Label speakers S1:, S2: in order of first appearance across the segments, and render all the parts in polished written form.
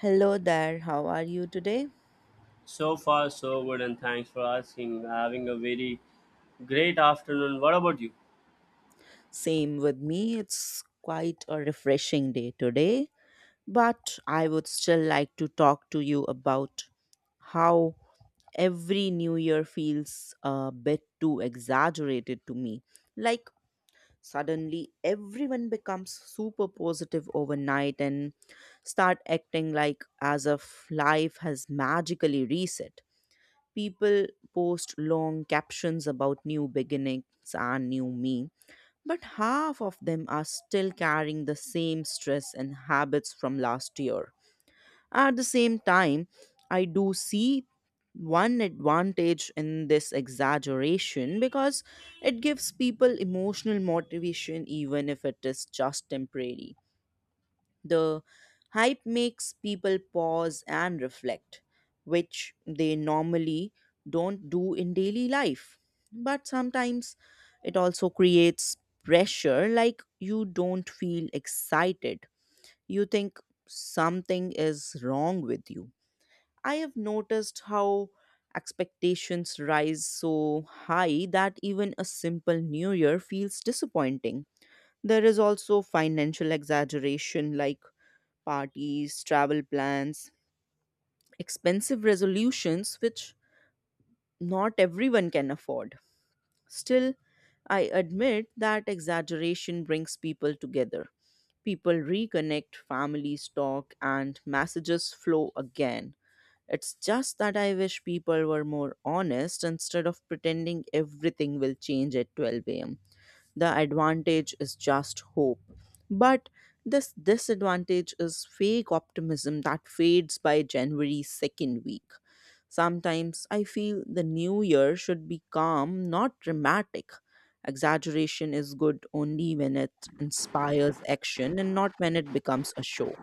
S1: Hello there, how are you today?
S2: So far, so good, and thanks for asking. Having a very great afternoon. What about you?
S1: Same with me, it's quite a refreshing day today, but I would still like to talk to you about how every new year feels a bit too exaggerated to me. Like, suddenly everyone becomes super positive overnight and start acting like as if life has magically reset. People post long captions about new beginnings and new me. But half of them are still carrying the same stress and habits from last year. At the same time, I do see one advantage in this exaggeration because it gives people emotional motivation even if it is just temporary. The hype makes people pause and reflect, which they normally don't do in daily life. But sometimes it also creates pressure, like you don't feel excited. You think something is wrong with you. I have noticed how expectations rise so high that even a simple new year feels disappointing. There is also financial exaggeration, like parties, travel plans, expensive resolutions, which not everyone can afford. Still, I admit that exaggeration brings people together. People reconnect, families talk, and messages flow again. It's just that I wish people were more honest instead of pretending everything will change at 12 a.m. The advantage is just hope. But this disadvantage is fake optimism that fades by January 2nd week. Sometimes I feel the new year should be calm, not dramatic. Exaggeration is good only when it inspires action and not when it becomes a show.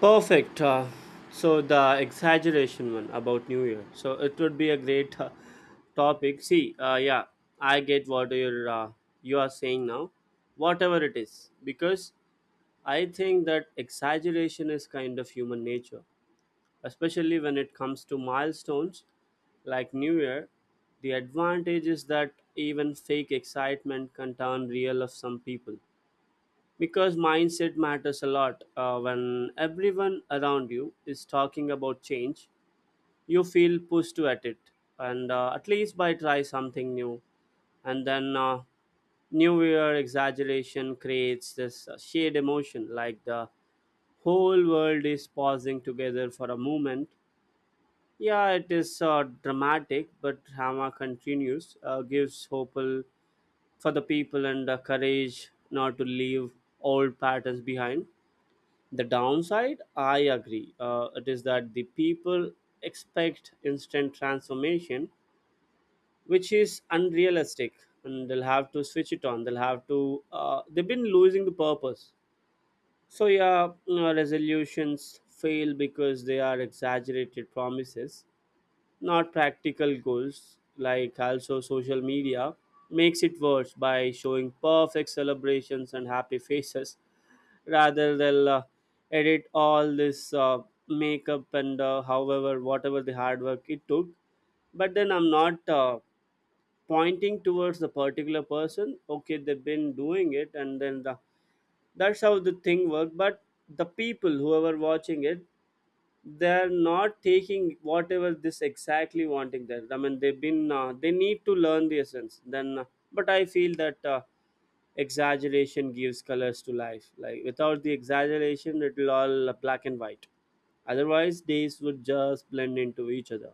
S2: Perfect. The exaggeration one about New Year. So, it would be a great topic. See, yeah, I get what you are saying now, whatever it is, because I think that exaggeration is kind of human nature, especially when it comes to milestones like New Year. The advantage is that even fake excitement can turn real of some people because mindset matters a lot. When everyone around you is talking about change, you feel pushed to at it, and at least by try something new. And then New Year exaggeration creates this shared emotion, like the whole world is pausing together for a moment. Yeah, it is dramatic, but drama continues, gives hope for the people and the courage not to leave old patterns behind. The downside, I agree, it is that the people expect instant transformation, which is unrealistic, and they'll have to switch it on. They'll have to, they've been losing the purpose. So, yeah, resolutions fail because they are exaggerated promises, not practical goals. Like also social media makes it worse by showing perfect celebrations and happy faces rather they'll edit all this makeup and however whatever the hard work it took. But then I'm not pointing towards the particular person. Okay, they've been doing it and then the, that's how the thing worked. But the people whoever watching it, they're not taking whatever this exactly wanting. There, I mean they've been they need to learn the essence. Then but I feel that exaggeration gives colors to life. Like without the exaggeration it'll all black and white, otherwise days would just blend into each other.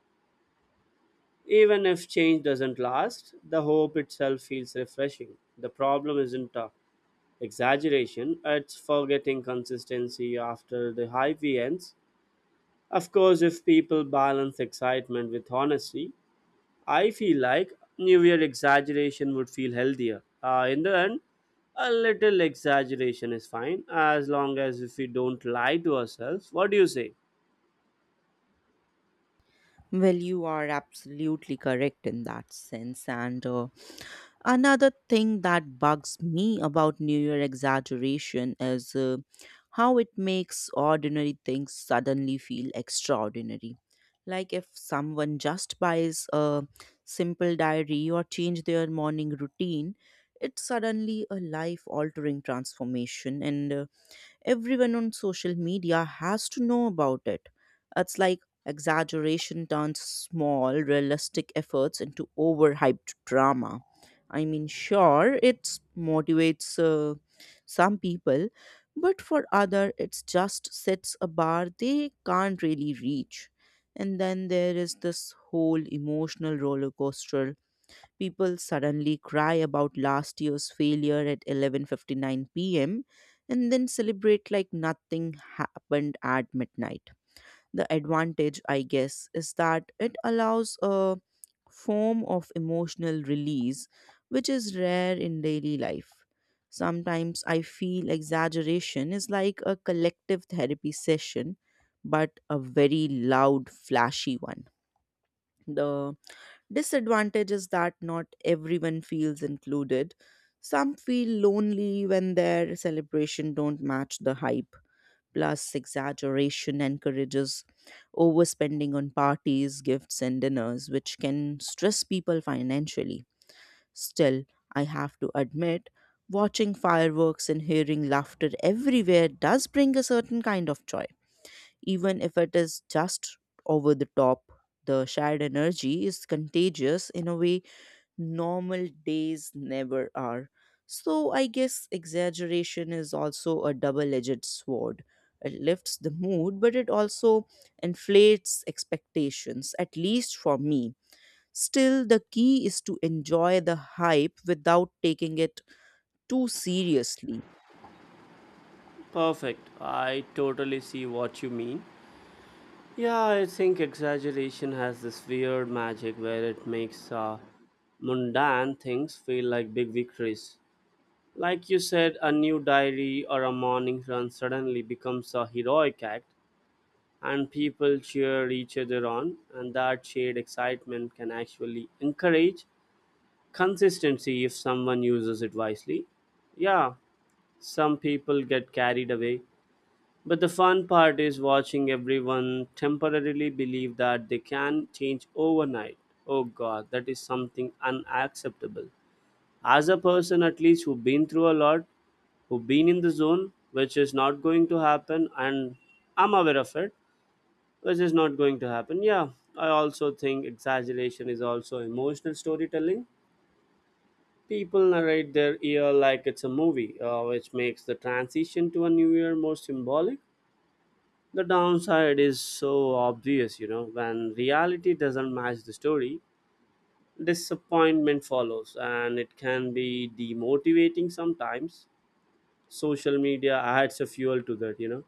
S2: Even if change doesn't last, the hope itself feels refreshing. The problem isn't exaggeration, it's forgetting consistency after the high ends. Of course, if people balance excitement with honesty, I feel like New Year exaggeration would feel healthier. In the end, a little exaggeration is fine as long as if we don't lie to ourselves. What do you say?
S1: Well, you are absolutely correct in that sense. And another thing that bugs me about New Year exaggeration is how it makes ordinary things suddenly feel extraordinary. Like if someone just buys a simple diary or change their morning routine, it's suddenly a life altering transformation. And everyone on social media has to know about it. It's like exaggeration turns small, realistic efforts into overhyped drama. I mean, sure, it motivates some people, but for other, it just sets a bar they can't really reach. And then there is this whole emotional roller coaster. People suddenly cry about last year's failure at 11:59 p.m. and then celebrate like nothing happened at midnight. The advantage, I guess, is that it allows a form of emotional release which is rare in daily life. Sometimes I feel exaggeration is like a collective therapy session, but a very loud, flashy one. The disadvantage is that not everyone feels included. Some feel lonely when their celebration don't match the hype. Plus, exaggeration encourages overspending on parties, gifts, and dinners, which can stress people financially. Still, I have to admit, watching fireworks and hearing laughter everywhere does bring a certain kind of joy. Even if it is just over the top, the shared energy is contagious in a way normal days never are. So I guess exaggeration is also a double edged sword. It lifts the mood, but it also inflates expectations, at least for me. Still, the key is to enjoy the hype without taking it too seriously.
S2: Perfect. I totally see what you mean. Yeah, I think exaggeration has this weird magic where it makes mundane things feel like big victories. Like you said, a new diary or a morning run suddenly becomes a heroic act, and people cheer each other on, and that shared excitement can actually encourage consistency if someone uses it wisely. Yeah, some people get carried away, but the fun part is watching everyone temporarily believe that they can change overnight. Oh god, that is something unacceptable. As a person, at least, who've been through a lot, who've been in the zone, which is not going to happen, and I'm aware of it, which is not going to happen. Yeah, I also think exaggeration is also emotional storytelling. People narrate their year like it's a movie, which makes the transition to a new year more symbolic. The downside is so obvious, you know, when reality doesn't match the story, disappointment follows and it can be demotivating sometimes. Social media adds a fuel to that, you know,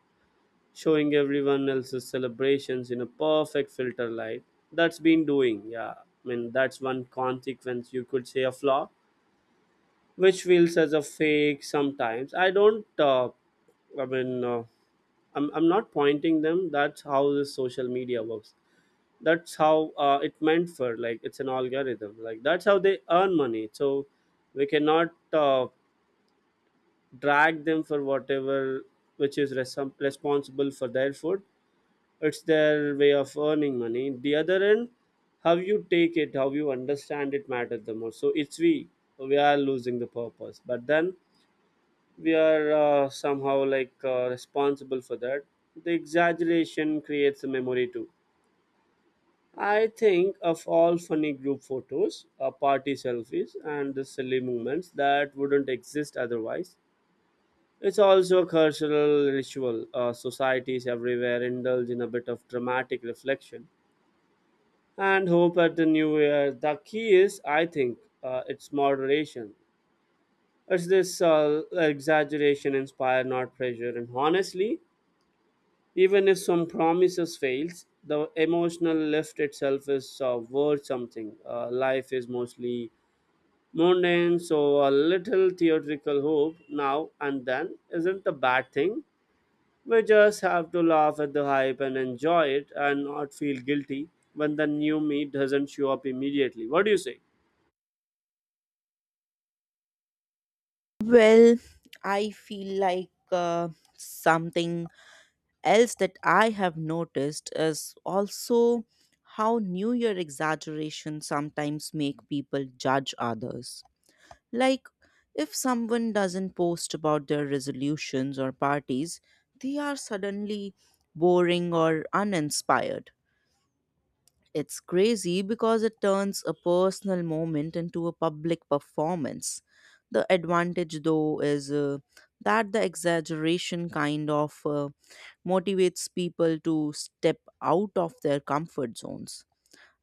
S2: showing everyone else's celebrations in a perfect filter light. That's been doing, yeah. I mean, that's one consequence you could say a flaw, which feels as a fake sometimes. I mean, uh, I'm not pointing them. That's how the social media works. That's how it meant for, like, it's an algorithm. Like, that's how they earn money. So we cannot drag them for whatever which is responsible for their food. It's their way of earning money. The other end, how you take it, how you understand it matters the most. So it's we are losing the purpose, but then we are somehow like responsible for that. The exaggeration creates a memory too. I think of all funny group photos, party selfies and the silly moments that wouldn't exist otherwise. It's also a cultural ritual. Societies everywhere indulge in a bit of dramatic reflection and hope at the new year. The key is, I think, it's moderation. It's this exaggeration inspired, not pressure. And honestly, even if some promises fails, the emotional lift itself is worth something. Life is mostly mundane, so a little theatrical hope now and then isn't a bad thing. We just have to laugh at the hype and enjoy it and not feel guilty when the new me doesn't show up immediately. What do you say?
S1: Well, I feel like something else that I have noticed is also how New Year exaggeration sometimes make people judge others. Like if someone doesn't post about their resolutions or parties, they are suddenly boring or uninspired. It's crazy because it turns a personal moment into a public performance. The advantage, though, is that the exaggeration kind of motivates people to step out of their comfort zones.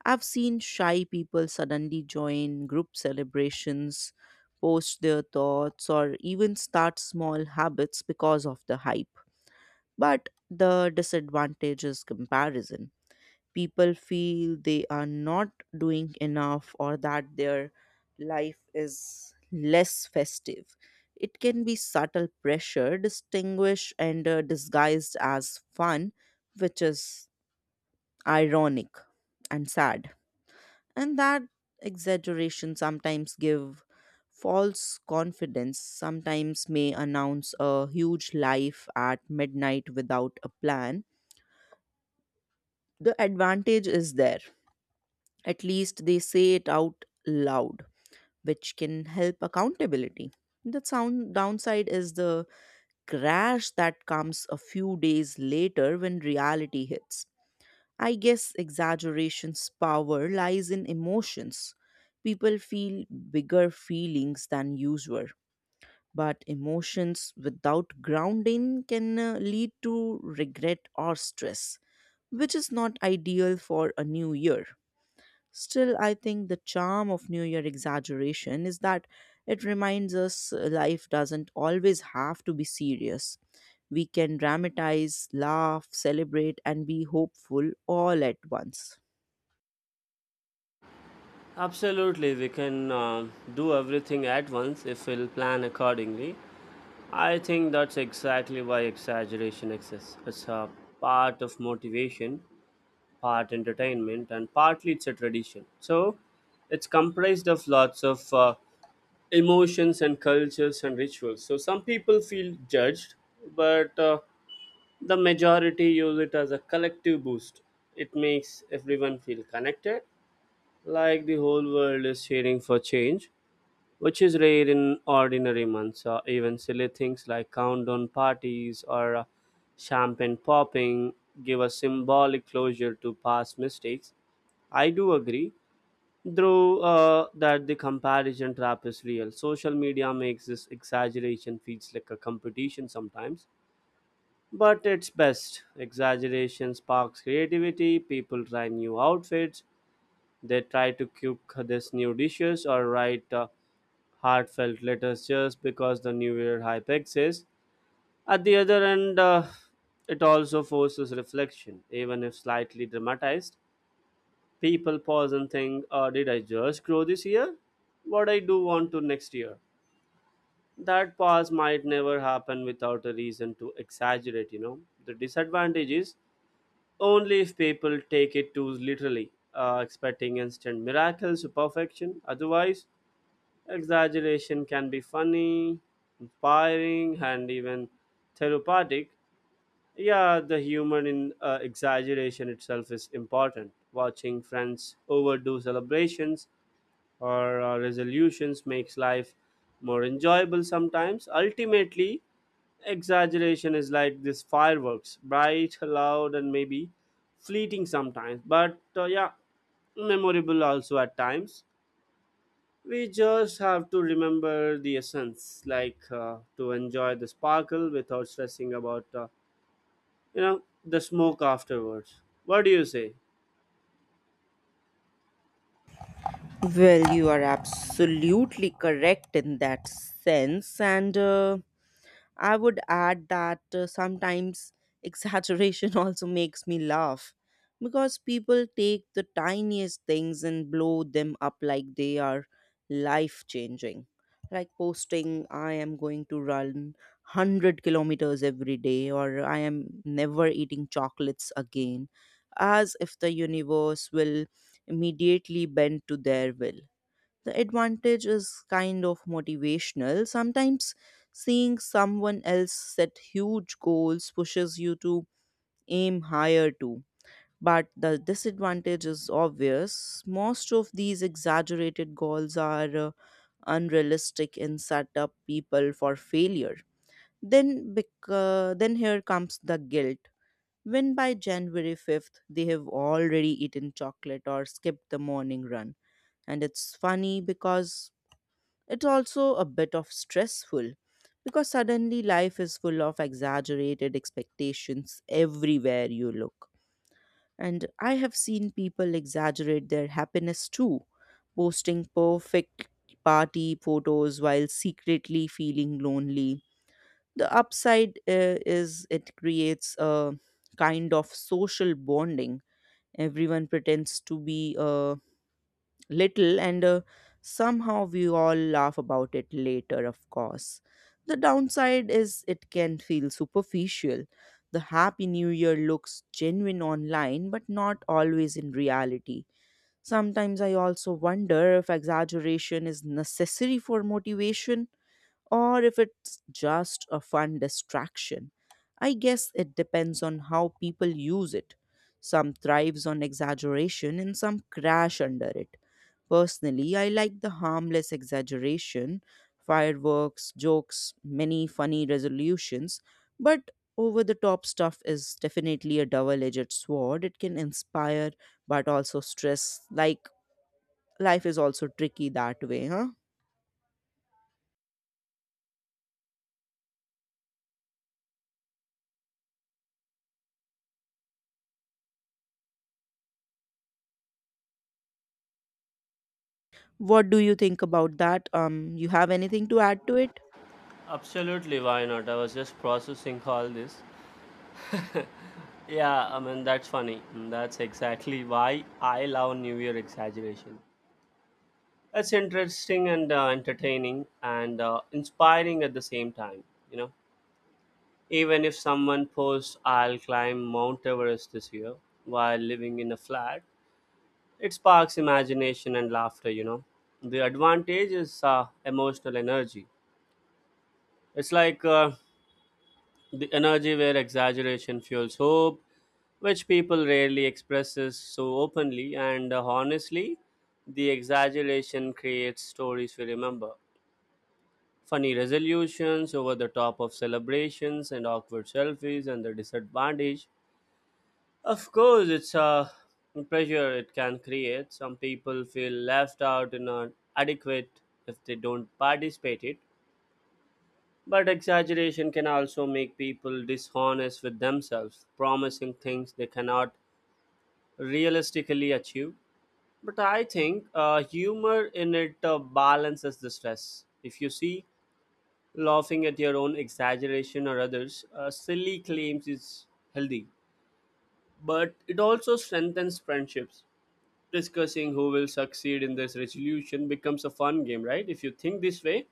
S1: I've seen shy people suddenly join group celebrations, post their thoughts, or even start small habits because of the hype. But the disadvantage is comparison. People feel they are not doing enough or that their life is less festive. It can be subtle pressure, distinguished and disguised as fun, which is ironic and sad. And that exaggeration sometimes give false confidence. Sometimes may announce a huge life at midnight without a plan. The advantage is there. At least they say it out loud, which can help accountability. The sound downside is the crash that comes a few days later when reality hits. I guess exaggeration's power lies in emotions. People feel bigger feelings than usual, but emotions without grounding can lead to regret or stress, which is not ideal for a new year. Still, I think the charm of New Year exaggeration is that it reminds us life doesn't always have to be serious. We can dramatize, laugh, celebrate, and be hopeful all at once.
S2: Absolutely, we can do everything at once if we'll plan accordingly. I think that's exactly why exaggeration exists. It's a part of motivation, part entertainment, and partly it's a tradition. So it's comprised of lots of emotions and cultures and rituals. So some people feel judged, but the majority use it as a collective boost. It makes everyone feel connected, like the whole world is cheering for change, which is rare in ordinary months. Even silly things like countdown parties or champagne popping give a symbolic closure to past mistakes. I do agree, though, that the comparison trap is real. Social media makes this exaggeration feels like a competition sometimes. But it's best. Exaggeration sparks creativity. People try new outfits. They try to cook these new dishes or write heartfelt letters just because the new year hype exists. At the other end, it also forces reflection, even if slightly dramatized. People pause and think, did I just grow this year? What I do want to next year? That pause might never happen without a reason to exaggerate, you know. The disadvantage is only if people take it too literally, expecting instant miracles or perfection. Otherwise, exaggeration can be funny, inspiring, and even therapeutic. Yeah, the humor in exaggeration itself is important. Watching friends overdo celebrations or resolutions makes life more enjoyable sometimes. Ultimately, exaggeration is like this fireworks bright loud and maybe fleeting sometimes, but yeah, memorable also at times. We just have to remember the essence, like to enjoy the sparkle without stressing about, you know, the smoke afterwards. What do you say?
S1: Well, you are absolutely correct in that sense. And I would add that sometimes exaggeration also makes me laugh because people take the tiniest things and blow them up like they are life changing. Like posting, I am going to run 100 kilometers every day, or I am never eating chocolates again, as if the universe will immediately bend to their will. The advantage is kind of motivational. Sometimes seeing someone else set huge goals pushes you to aim higher too. But the disadvantage is obvious. Most of these exaggerated goals are unrealistic and set up people for failure. Then here comes the guilt. When by January 5th they have already eaten chocolate or skipped the morning run. And it's funny because it's also a bit of stressful because suddenly life is full of exaggerated expectations everywhere you look. And I have seen people exaggerate their happiness too, posting perfect party photos while secretly feeling lonely. The upside is it creates a kind of social bonding. Everyone pretends to be a little and somehow we all laugh about it later. Of course, the downside is it can feel superficial. The happy new year looks genuine online but not always in reality. Sometimes I also wonder if exaggeration is necessary for motivation or if it's just a fun distraction. I guess it depends on how people use it. Some thrives on exaggeration and some crash under it. Personally, I like the harmless exaggeration, fireworks, jokes, many funny resolutions, but over the top stuff is definitely a double edged sword. It can inspire but also stress. Like life is also tricky that way, huh? What do you think about that? You have anything to add to it?
S2: Absolutely, why not? I was just processing all this. Yeah, I mean, that's funny. Mm, that's exactly why I love New Year exaggeration. It's interesting and entertaining and inspiring at the same time, you know. Even if someone posts, I'll climb Mount Everest this year while living in a flat, it sparks imagination and laughter, you know. The advantage is emotional energy. It's like the energy where exaggeration fuels hope, which people rarely expresses so openly and honestly. The exaggeration creates stories we remember. Funny resolutions, over the top of celebrations, and awkward selfies, and the disadvantage, of course, it's a pressure it can create. Some people feel left out and not adequate if they don't participate it. But exaggeration can also make people dishonest with themselves, promising things they cannot realistically achieve. But I think humor in it balances the stress. If you see laughing at your own exaggeration or others, silly claims is healthy, but it also strengthens friendships. Discussing who will succeed in this resolution becomes a fun game, right? If you think this way,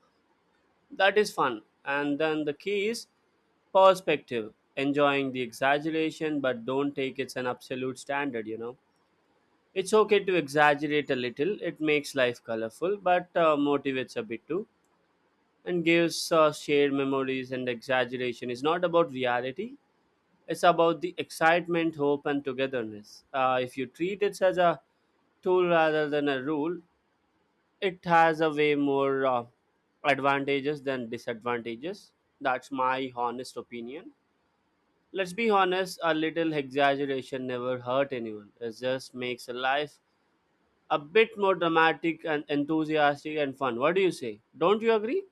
S2: that is fun. And then the key is perspective, enjoying the exaggeration, but don't take it as an absolute standard, you know. It's okay to exaggerate a little, it makes life colorful, but motivates a bit too, and gives shared memories. And exaggeration is not about reality, it's about the excitement, hope, and togetherness. If you treat it as a tool rather than a rule, it has a way more advantages than disadvantages. That's my honest opinion. Let's be honest, a little exaggeration never hurt anyone, it just makes a life a bit more dramatic and enthusiastic and fun. What do you say? Don't you agree?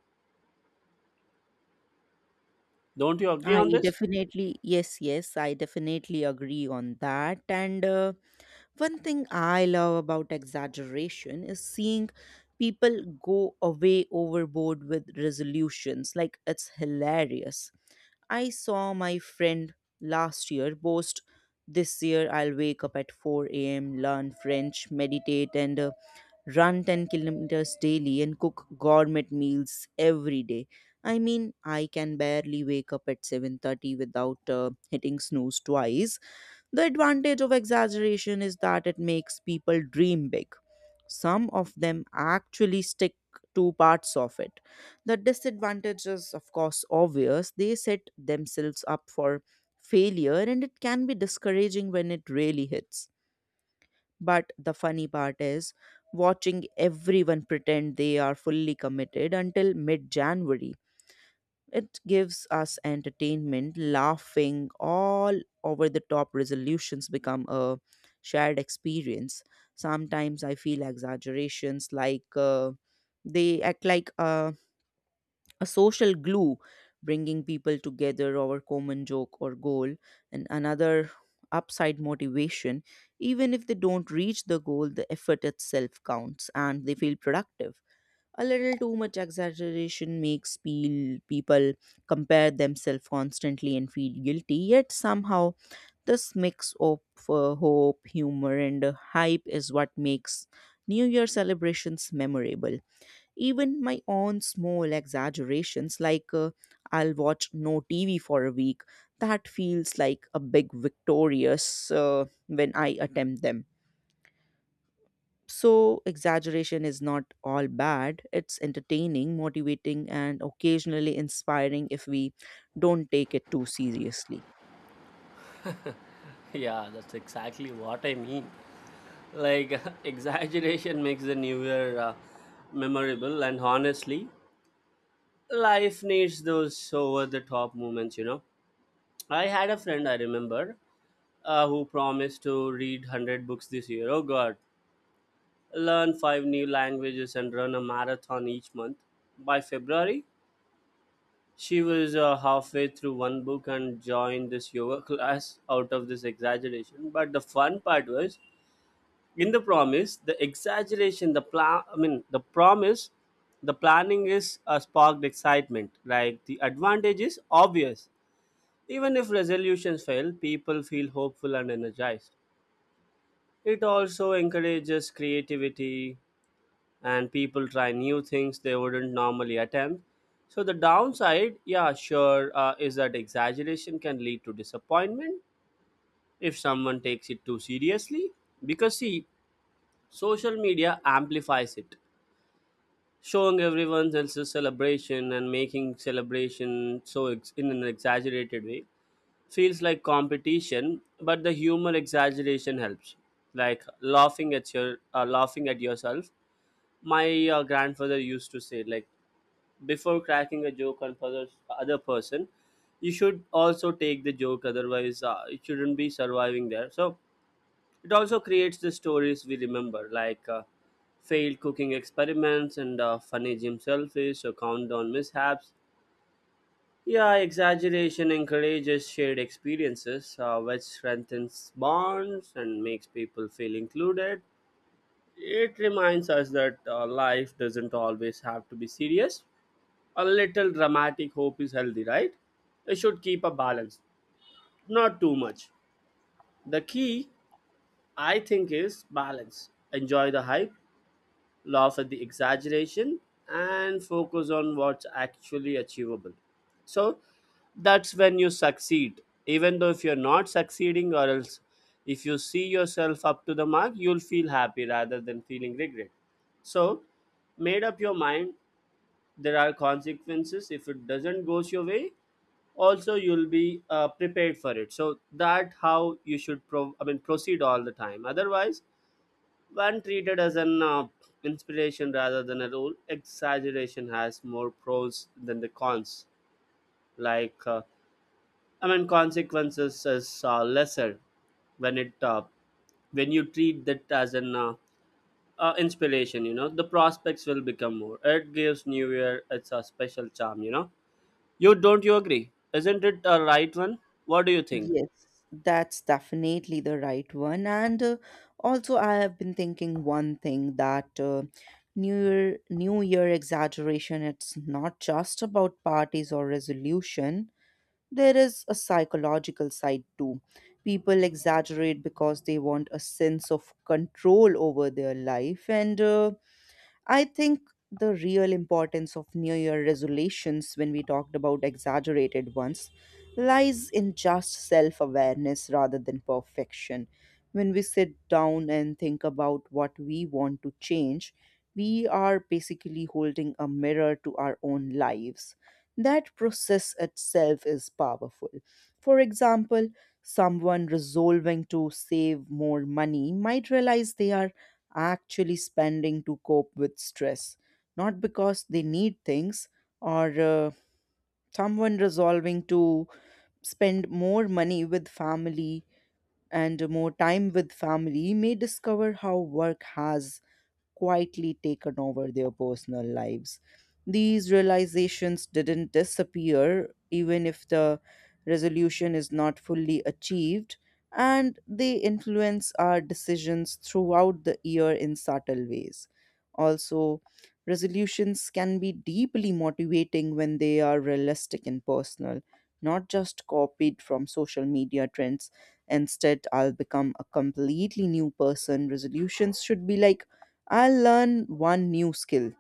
S2: Don't you agree on this?
S1: Yes, yes, I definitely agree on that. And one thing I love about exaggeration is seeing people go away overboard with resolutions. Like, it's hilarious. I saw my friend last year boast, This year I'll wake up at 4 a.m., learn French, meditate, and run 10 kilometers daily, and cook gourmet meals every day. I mean, I can barely wake up at 7:30 without hitting snooze twice. The advantage of exaggeration is that it makes people dream big. Some of them actually stick to parts of it. The disadvantage is, of course, obvious. They set themselves up for failure, and it can be discouraging when it really hits. But the funny part is watching everyone pretend they are fully committed until mid January. It gives us entertainment, laughing, all over the top resolutions become a shared experience. Sometimes I feel exaggerations like they act like a social glue, bringing people together over common joke or goal. And another upside, motivation. Even if they don't reach the goal, the effort itself counts and they feel productive. A little too much exaggeration makes peel people compare themselves constantly and feel guilty. Yet somehow this mix of hope, humor, and hype is what makes new year celebrations memorable. Even my own small exaggerations, like I'll watch no TV for a week, that feels like a big victorious when I attempt them. So, exaggeration is not all bad. It's entertaining, motivating, and occasionally inspiring if we don't take it too seriously.
S2: Yeah, that's exactly what I mean. Like exaggeration makes the new year memorable and honestly life needs those over the top moments, you know. I had a friend I remember who promised to read 100 books this year. Oh god, learn five new languages and run a marathon each month. By February, she was halfway through one book and joined this yoga class out of this exaggeration. But the fun part was in the promise, the exaggeration, the plan, I mean, the promise, the planning is sparked excitement. Like the advantage is obvious. Even if resolutions fail, people feel hopeful and energized. It also encourages creativity and people try new things they wouldn't normally attempt. So, the downside, yeah, sure, is that exaggeration can lead to disappointment if someone takes it too seriously. Because, see, social media amplifies it, showing everyone else's celebration and making celebration so in an exaggerated way feels like competition, but the humor exaggeration helps. Like laughing at yourself. My grandfather used to say like before cracking a joke on other person, you should also take the joke, otherwise it shouldn't be surviving there. So it also creates the stories we remember, like failed cooking experiments and funny gym selfies or countdown mishaps. Yeah, exaggeration encourages shared experiences, which strengthens bonds and makes people feel included. It reminds us that life doesn't always have to be serious. A little dramatic hope is healthy, right? It should keep a balance, not too much. The key, I think, is balance. Enjoy the hype, laugh at the exaggeration, and focus on what's actually achievable. So that's when you succeed. Even though if you're not succeeding, or else if you see yourself up to the mark, you'll feel happy rather than feeling regret. So, made up your mind. There are consequences if it doesn't goes your way. Also, you'll be prepared for it. So that how you should I mean proceed all the time. Otherwise, when treated as an inspiration rather than a rule, exaggeration has more pros than the cons. Like, I mean, consequences is lesser when it when you treat that as an inspiration. You know, the prospects will become more. It gives New Year it's a special charm. You know, you don't you agree? Isn't it a right one? What do you think?
S1: Yes, that's definitely the right one. And also, I have been thinking one thing that New Year exaggeration, it's not just about parties or resolution. There is a psychological side too. People exaggerate because they want a sense of control over their life. And I think the real importance of New Year resolutions, when we talked about exaggerated ones, lies in just self awareness rather than perfection. When we sit down and think about what we want to change, we are basically holding a mirror to our own lives. That process itself is powerful. For example, someone resolving to save more money might realize they are actually spending to cope with stress, not because they need things, or someone resolving to spend more money with family and more time with family may discover how work has quietly taken over their personal lives. These realizations didn't disappear, even if the resolution is not fully achieved, and they influence our decisions throughout the year in subtle ways. Also, resolutions can be deeply motivating when they are realistic and personal, not just copied from social media trends. Instead, I'll become a completely new person. Resolutions should be like, I'll learn one new skill.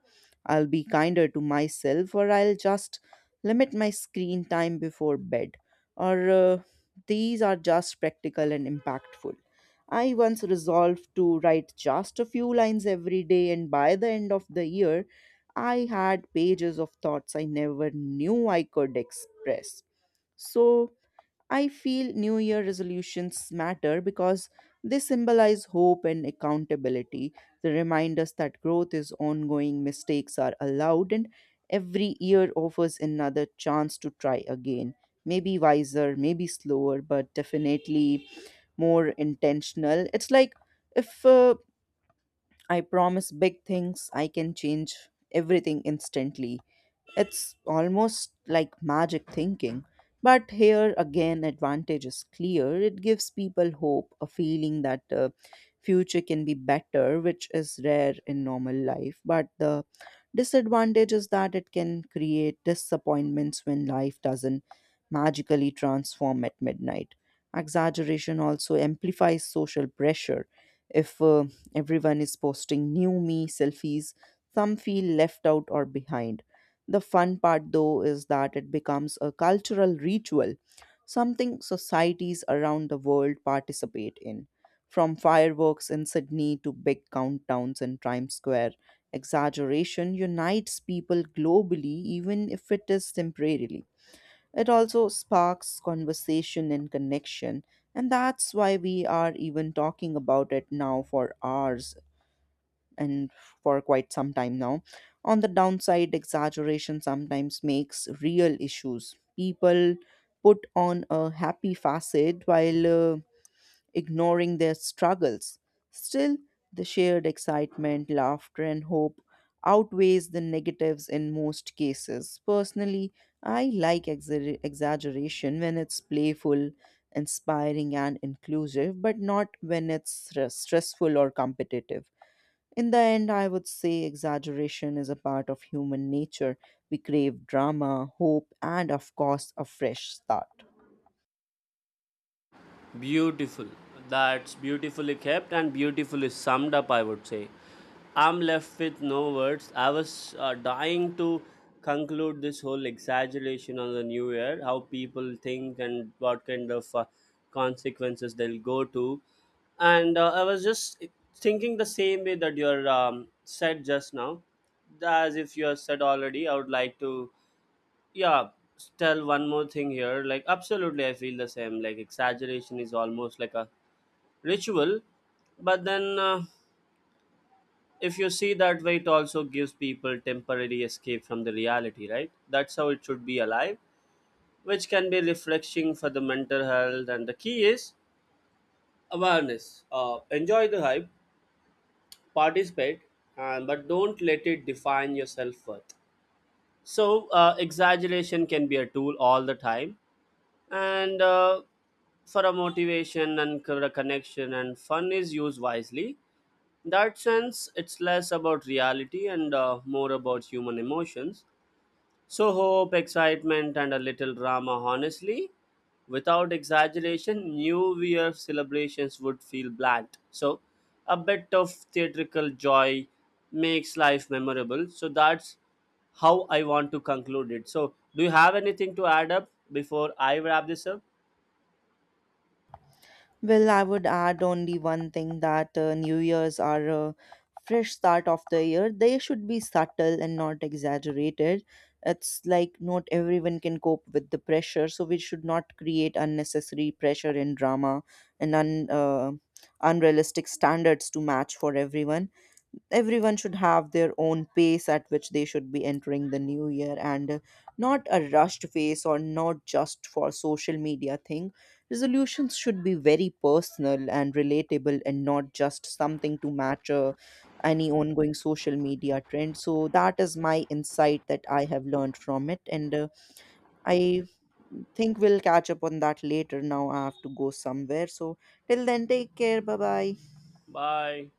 S1: I'll be kinder to myself, or I'll just limit my screen time before bed. Or these are just practical and impactful. I once resolved to write just a few lines every day, and by the end of the year, I had pages of thoughts I never knew I could express. So, I feel New Year resolutions matter because they symbolize hope and accountability. They remind us that growth is ongoing, mistakes are allowed, and every year offers another chance to try again. Maybe wiser, maybe slower, but definitely more intentional. It's like if I promise big things, I can change everything instantly. It's almost like magic thinking. But here again, advantage is clear. It gives people hope, a feeling that future can be better, which is rare in normal life. But the disadvantage is that it can create disappointments when life doesn't magically transform at midnight. Exaggeration also amplifies social pressure. If everyone is posting new me selfies, some feel left out or behind. The fun part, though, is that it becomes a cultural ritual, something societies around the world participate in. From fireworks in Sydney to big countdowns in Times Square, exaggeration unites people globally, even if it is temporarily. It also sparks conversation and connection, and that's why we are even talking about it now for hours and for quite some time now. On the downside, exaggeration sometimes makes real issues. People put on a happy facade while ignoring their struggles. Still, the shared excitement, laughter, and hope outweighs the negatives in most cases. Personally, I like exaggeration when it's playful, inspiring, and inclusive, but not when it's stressful or competitive. In the end, I would say exaggeration is a part of human nature. We crave drama, hope, and of course, a fresh start.
S2: Beautiful. That's beautifully kept and beautifully summed up, I would say. I'm left with no words. I was dying to conclude this whole exaggeration on the new year, how people think and what kind of consequences they'll go to. And I was just thinking the same way that you're said just now, as if you have said already. I would like to yeah tell one more thing here. Like absolutely I feel the same, like exaggeration is almost like a ritual, but then if you see that way it also gives people temporary escape from the reality, right? That's how it should be alive, which can be refreshing for the mental health. And the key is awareness, enjoy the hype, participate, but don't let it define your self-worth. So exaggeration can be a tool all the time, and for a motivation and a connection and fun is used wisely. In that sense it's less about reality and more about human emotions. So hope, excitement, and a little drama, honestly, without exaggeration new year celebrations would feel bland. So a bit of theatrical joy makes life memorable. So that's how I want to conclude it. So do you have anything to add up before I wrap this up?
S1: Well, I would add only one thing that New Year's are a fresh start of the year. They should be subtle and not exaggerated. It's like not everyone can cope with the pressure, so we should not create unnecessary pressure and drama and unrealistic standards to match for everyone. Everyone should have their own pace at which they should be entering the new year, and not a rushed pace or not just for social media thing. Resolutions should be very personal and relatable and not just something to match any ongoing social media trend. So that is my insight that I have learned from it, and I think we'll catch up on that later. Now I have to go somewhere, so till then, take care. Bye bye.
S2: Bye.